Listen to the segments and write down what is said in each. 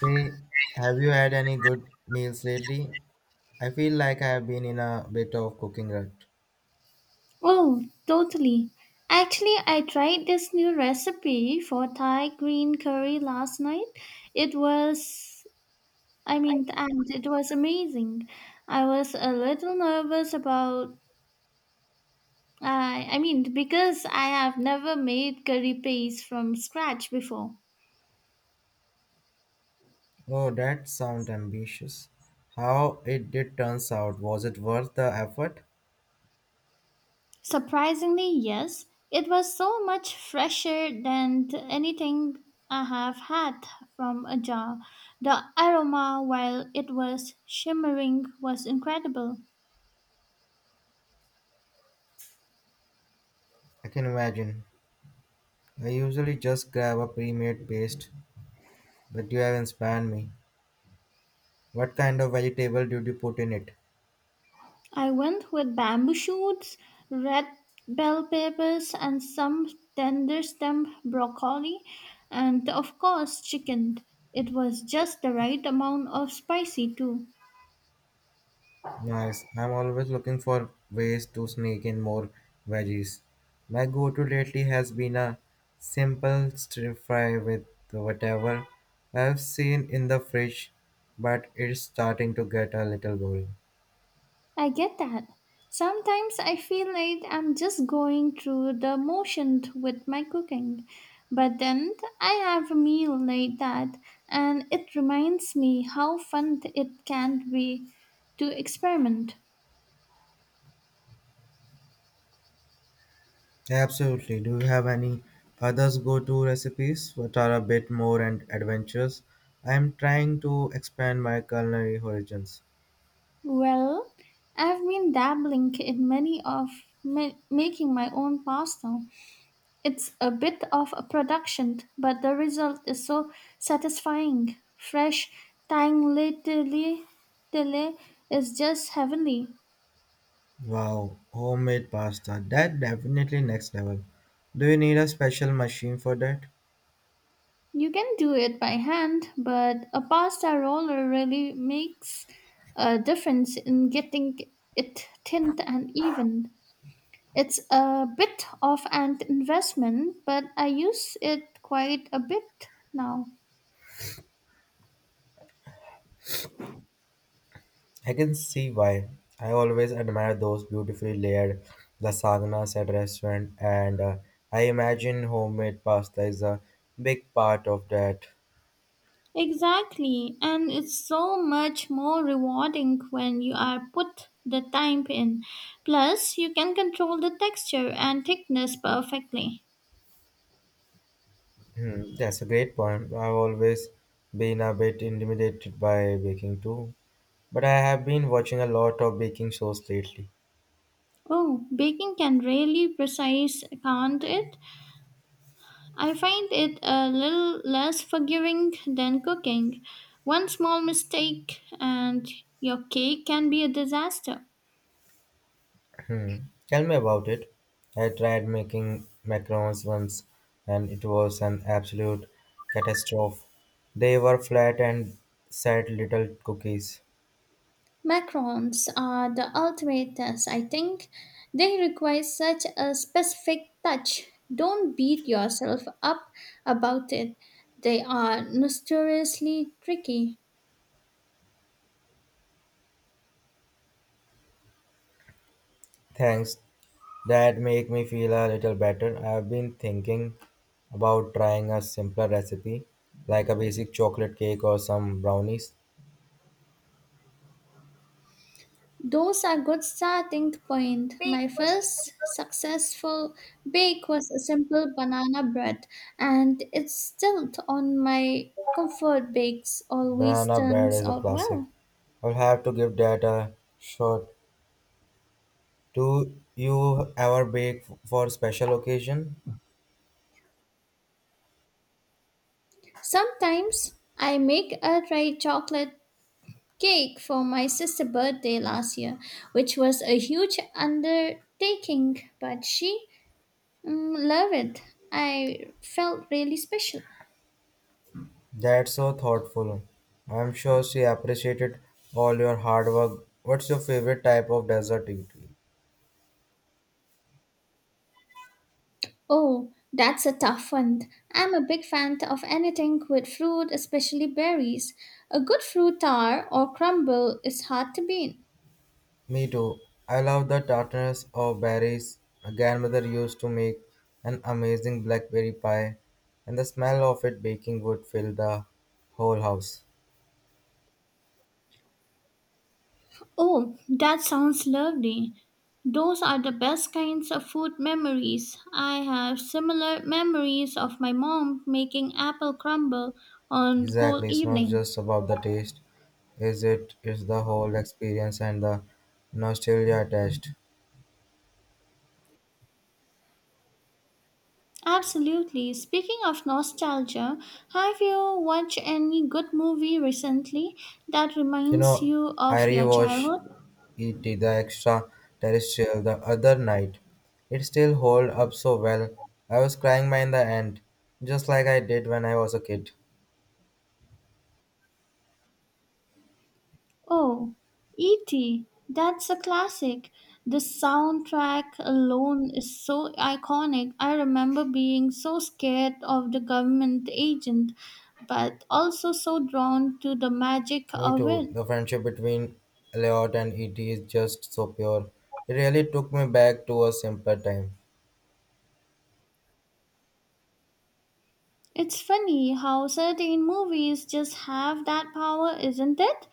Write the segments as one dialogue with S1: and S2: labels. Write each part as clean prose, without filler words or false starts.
S1: Hey, have you had any good meals lately? I feel like I have been in a bit of cooking rut.
S2: Oh, totally. Actually, I tried this new recipe for Thai green curry last night. It was, I mean, and it was amazing. I was a little nervous about, because I have never made curry paste from scratch before.
S1: Oh, that sounds ambitious. How it did turns out, was it worth the effort?
S2: Surprisingly, yes. It was so much fresher than anything I have had from a jar. The aroma, while it was shimmering, was incredible.
S1: I can imagine. I usually just grab a pre-made paste, but you have inspired me. What kind of vegetable did you put in it?
S2: I went with bamboo shoots, red bell peppers, and some tender stem broccoli, and of course, chicken. It was just the right amount of spicy, too.
S1: Nice. I'm always looking for ways to sneak in more veggies. My go to lately has been a simple stir fry with whatever I've seen in the fridge, but it's starting to get a little boring.
S2: I get that. Sometimes I feel like I'm just going through the motions with my cooking. But then I have a meal like that, and it reminds me how fun it can be to experiment.
S1: Absolutely. Do you have any others go to recipes that are a bit more and adventurous? I'm trying to expand my culinary horizons.
S2: Well, I've been dabbling in many of making my own pasta. It's a bit of a production, but the result is so satisfying. Fresh tangly, tanglitely is just heavenly.
S1: Wow, homemade pasta. That definitely next level. Do you need a special machine for that?
S2: You can do it by hand, but a pasta roller really makes a difference in getting it thin and even. It's a bit of an investment, but I use it quite a bit now.
S1: I can see why. I always admire those beautifully layered lasagnas at restaurant and I imagine homemade pasta is a big part of that.
S2: Exactly, and it's so much more rewarding when you are put the time in. Plus, you can control the texture and thickness perfectly.
S1: Hmm, that's a great point. I've always been a bit intimidated by baking too. But I have been watching a lot of baking shows lately.
S2: Oh, baking can really precise, can't it? I find it a little less forgiving than cooking. One small mistake and your cake can be a disaster.
S1: Hmm. Tell me about it. I tried making macarons once and it was an absolute catastrophe. They were flat and said little cookies.
S2: Macarons are the ultimate test, I think. They require such a specific touch. Don't beat yourself up about it. They are notoriously tricky.
S1: Thanks. That make me feel a little better. I've been thinking about trying a simpler recipe like a basic chocolate cake or some brownies.
S2: Those are good starting point. My first successful bake was a simple banana bread, and it's still on my comfort bakes. Always
S1: Banana bread
S2: turns
S1: is a
S2: out
S1: classic.
S2: well.
S1: I'll have to give that a shot. Do you ever bake for special occasion?
S2: Sometimes I make a dry chocolate cake for my sister's birthday last year, which was a huge undertaking, but she loved it. I felt really special.
S1: That's so thoughtful. I'm sure she appreciated all your hard work. What's your favorite type of dessert eatery?
S2: Oh, that's a tough one. I'm a big fan of anything with fruit, especially berries. A good fruit tart or crumble is hard to beat.
S1: Me too. I love the tartness of berries. My grandmother used to make an amazing blackberry pie, and the smell of it baking would fill the whole house.
S2: Oh, that sounds lovely. Those are the best kinds of food memories. I have similar memories of my mom making apple crumble on cold
S1: Exactly, it's not
S2: evening.
S1: just about the taste, is it? It's the whole experience and the nostalgia attached.
S2: Absolutely. Speaking of nostalgia, have you watched any good movie recently that
S1: You
S2: reminds
S1: know,
S2: you
S1: I
S2: of your
S1: rewatched
S2: childhood?
S1: E.T. the Extraterrestrial the other night. It still hold up so well. I was crying by the end, just like I did when I was a kid.
S2: Oh, E.T., that's a classic. The soundtrack alone is so iconic. I remember being so scared of the government agent, but also so drawn to the magic
S1: Me
S2: of
S1: too.
S2: it.
S1: The friendship between Elliot and E.T. is just so pure. It really took me back to a simpler time.
S2: It's funny how certain movies just have that power, isn't it?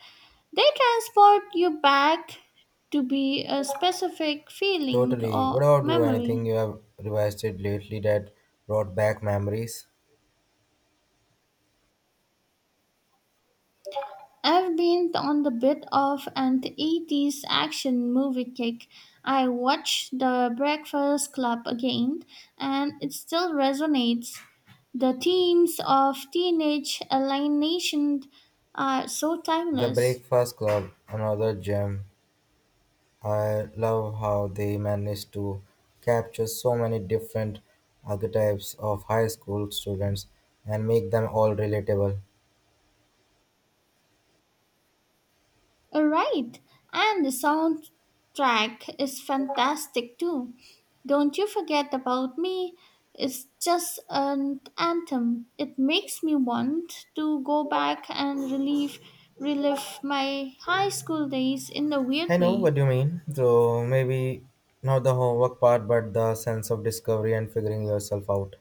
S2: They transport you back to be a specific feeling
S1: Totally. What
S2: or
S1: about you? Anything
S2: memory.
S1: you have revisited lately that brought back memories?
S2: I've been on the bit of an eighties action movie kick. I watched The Breakfast Club again, and it still resonates. The themes of teenage alienation are so
S1: The
S2: timeless.
S1: Breakfast Club, another gem. I love how they managed to capture so many different archetypes of high school students and make them all relatable.
S2: Right, and the soundtrack is fantastic too. Don't you forget about me. It's just an anthem. It makes me want to go back and relive my high school days in a
S1: I
S2: weird
S1: know
S2: way.
S1: what you mean. So maybe not the homework part, but the sense of discovery and figuring yourself out.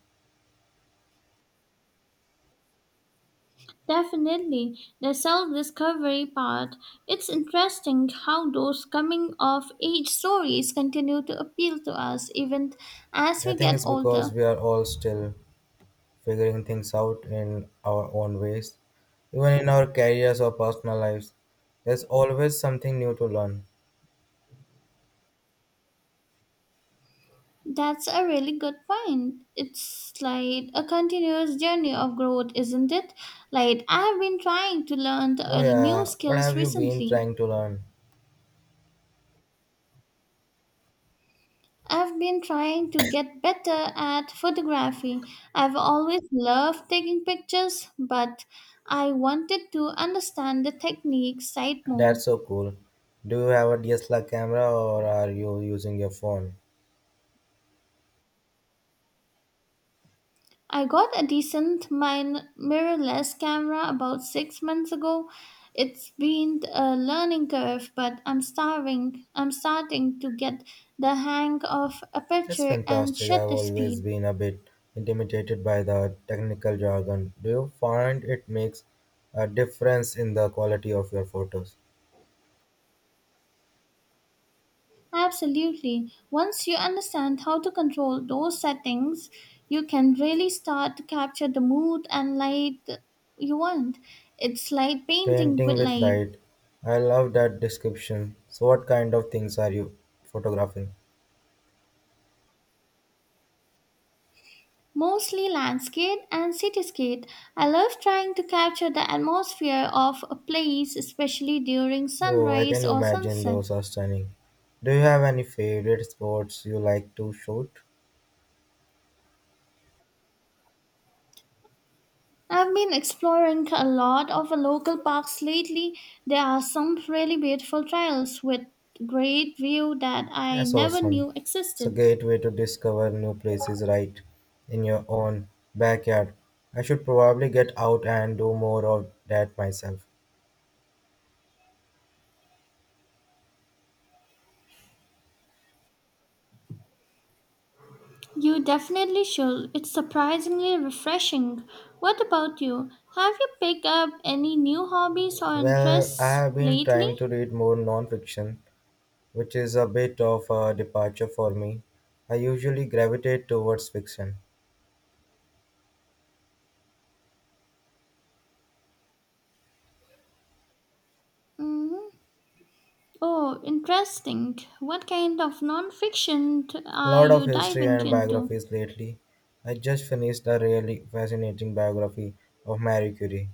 S2: Definitely, the self-discovery part. It's interesting how those coming-of-age stories continue to appeal to us even as
S1: I
S2: we
S1: think
S2: get
S1: it's because
S2: older.
S1: we are all still figuring things out in our own ways. Even in our careers or personal lives, there's always something new to learn.
S2: That's a really good point. It's like a continuous journey of growth, isn't it? Like, I've been trying to learn
S1: Oh,
S2: new
S1: yeah, what
S2: skills
S1: have you been
S2: recently.
S1: trying to learn?
S2: I've been trying to get better at photography. I've always loved taking pictures, but I wanted to understand the technique side
S1: That's
S2: more.
S1: so cool. Do you have a DSLR camera or are you using your phone?
S2: I got a decent mirrorless camera about six months ago. It's been a learning curve, but I'm starving. I'm starting to get the hang of
S1: That's
S2: aperture and
S1: fantastic. I've
S2: shutter
S1: always
S2: speed.
S1: been a bit intimidated by the technical jargon. Do you find it makes a difference in the quality of your photos?
S2: Absolutely. Once you understand how to control those settings, you can really start to capture the mood and light you want. It's like painting
S1: Painting
S2: with
S1: with
S2: light.
S1: light. I love that description. So, what kind of things are you photographing?
S2: Mostly landscape and cityscape. I love trying to capture the atmosphere of a place, especially during
S1: Oh, I
S2: sunrise
S1: can
S2: or
S1: imagine
S2: sunset.
S1: those are stunning. Do you have any favorite sports you like to shoot?
S2: I've been exploring a lot of local parks lately. There are some really beautiful trails with great view that I
S1: That's
S2: never
S1: awesome.
S2: knew
S1: It's a
S2: existed.
S1: great way to discover new places right in your own backyard. I should probably get out and do more of that myself.
S2: You definitely should. It's surprisingly refreshing. What about you? Have you picked up any new hobbies or
S1: Well, I
S2: interests
S1: have been
S2: lately?
S1: trying to read more nonfiction, which is a bit of a departure for me. I usually gravitate towards fiction.
S2: Hmm. Oh, interesting. What kind of non-fiction
S1: A
S2: are
S1: lot of
S2: you
S1: history
S2: diving
S1: and
S2: into?
S1: biographies lately. I just finished a really fascinating biography of Marie Curie.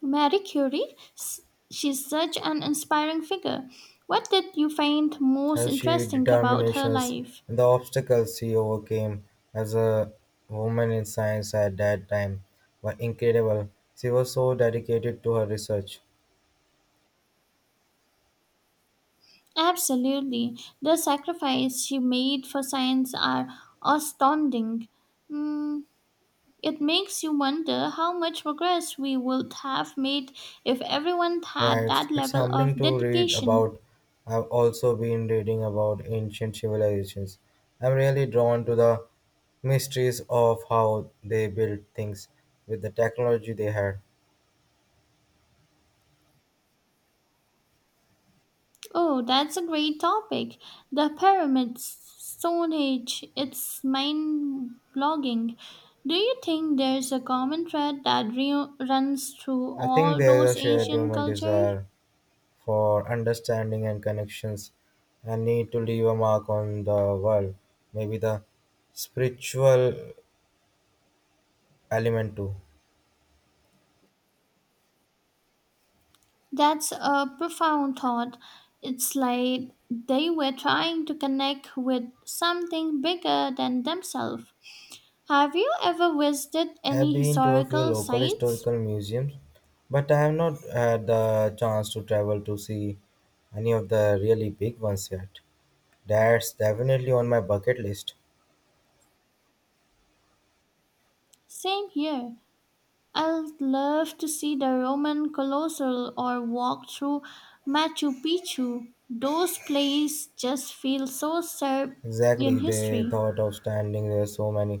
S2: Marie Curie? She's such an inspiring figure. What did you find most
S1: Her sheer
S2: interesting about her
S1: determination
S2: life?
S1: and the obstacles she overcame as a woman in science at that time were incredible. She was so dedicated to her research.
S2: Absolutely. The sacrifice she made for science are astounding. Mm, it makes you wonder how much progress we would have made if everyone
S1: Right,
S2: had
S1: it's
S2: that
S1: it's
S2: level
S1: humbling
S2: of
S1: to read
S2: dedication.
S1: about. I've also been reading about ancient civilizations. I'm really drawn to the mysteries of how they built things with the technology they had.
S2: Oh, that's a great topic. The pyramids, Stone Age, it's mind blogging. Do you think there's a common thread that runs through
S1: I think
S2: all
S1: there's
S2: those
S1: a shared
S2: ancient
S1: human
S2: cultures?
S1: desire for understanding and connections and need to leave a mark on the world. Maybe the spiritual element too.
S2: That's a profound thought. It's like they were trying to connect with something bigger than themselves. Have you ever visited
S1: I Have
S2: any
S1: been to a few
S2: historical
S1: local
S2: sites?
S1: historical museums, but I have not had the chance to travel to see any of the really big ones yet. That's definitely on my bucket list.
S2: Same here. I'd love to see the Roman Colossal or walk through Machu Picchu. Those places just feel so served in
S1: Exactly, they
S2: history.
S1: thought of standing there so many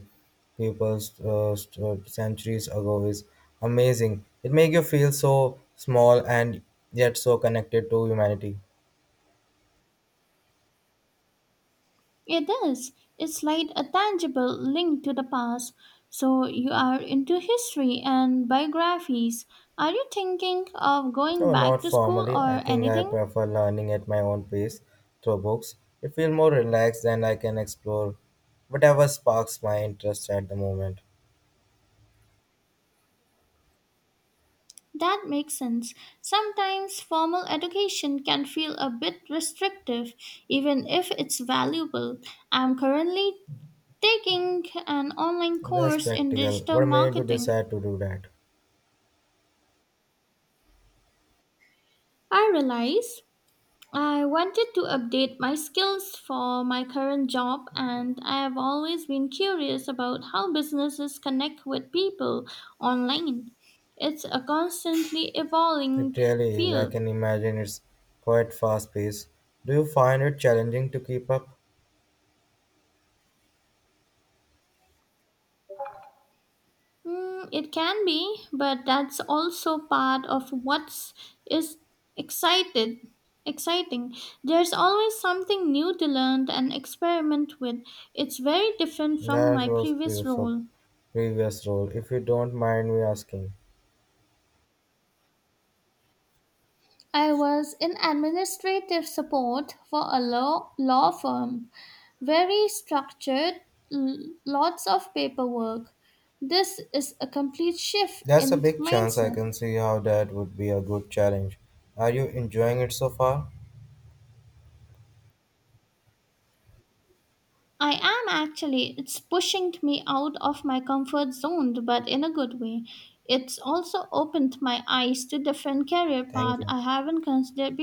S1: people stood centuries ago is amazing. It makes you feel so small and yet so connected to humanity.
S2: It is. It's like a tangible link to the past. So you are into history and biographies. Are you thinking of going
S1: No,
S2: back
S1: not
S2: to school
S1: formally. I
S2: or
S1: think I
S2: anything?
S1: prefer learning at my own pace through books. It feels more relaxed and I can explore whatever sparks my interest at the moment.
S2: That makes sense. Sometimes formal education can feel a bit restrictive, even if it's valuable. I'm currently taking an online
S1: That's
S2: course in
S1: practical.
S2: digital
S1: What made you
S2: marketing.
S1: decide to do that?
S2: I realize I wanted to update my skills for my current job, and I have always been curious about how businesses connect with people online. It's a constantly
S1: It
S2: evolving
S1: really is. I
S2: field.
S1: can imagine it's quite fast paced. Do you find it challenging to keep up?
S2: Mm, it can be, but that's also part of what's is excited exciting. There's always something new to learn and experiment with. It's very different from
S1: That
S2: my
S1: was
S2: previous
S1: pre- so
S2: role.
S1: previous role, if you don't mind me asking.
S2: I was in administrative support for a law firm. Very structured, lots of paperwork. This is a complete shift
S1: That's a
S2: in
S1: big chance. I
S2: mindset.
S1: can see how that would be a good challenge. Are you enjoying it so far?
S2: I am actually. It's pushing me out of my comfort zone, but in a good way. It's also opened my eyes to different career
S1: Thank
S2: path
S1: you.
S2: I haven't considered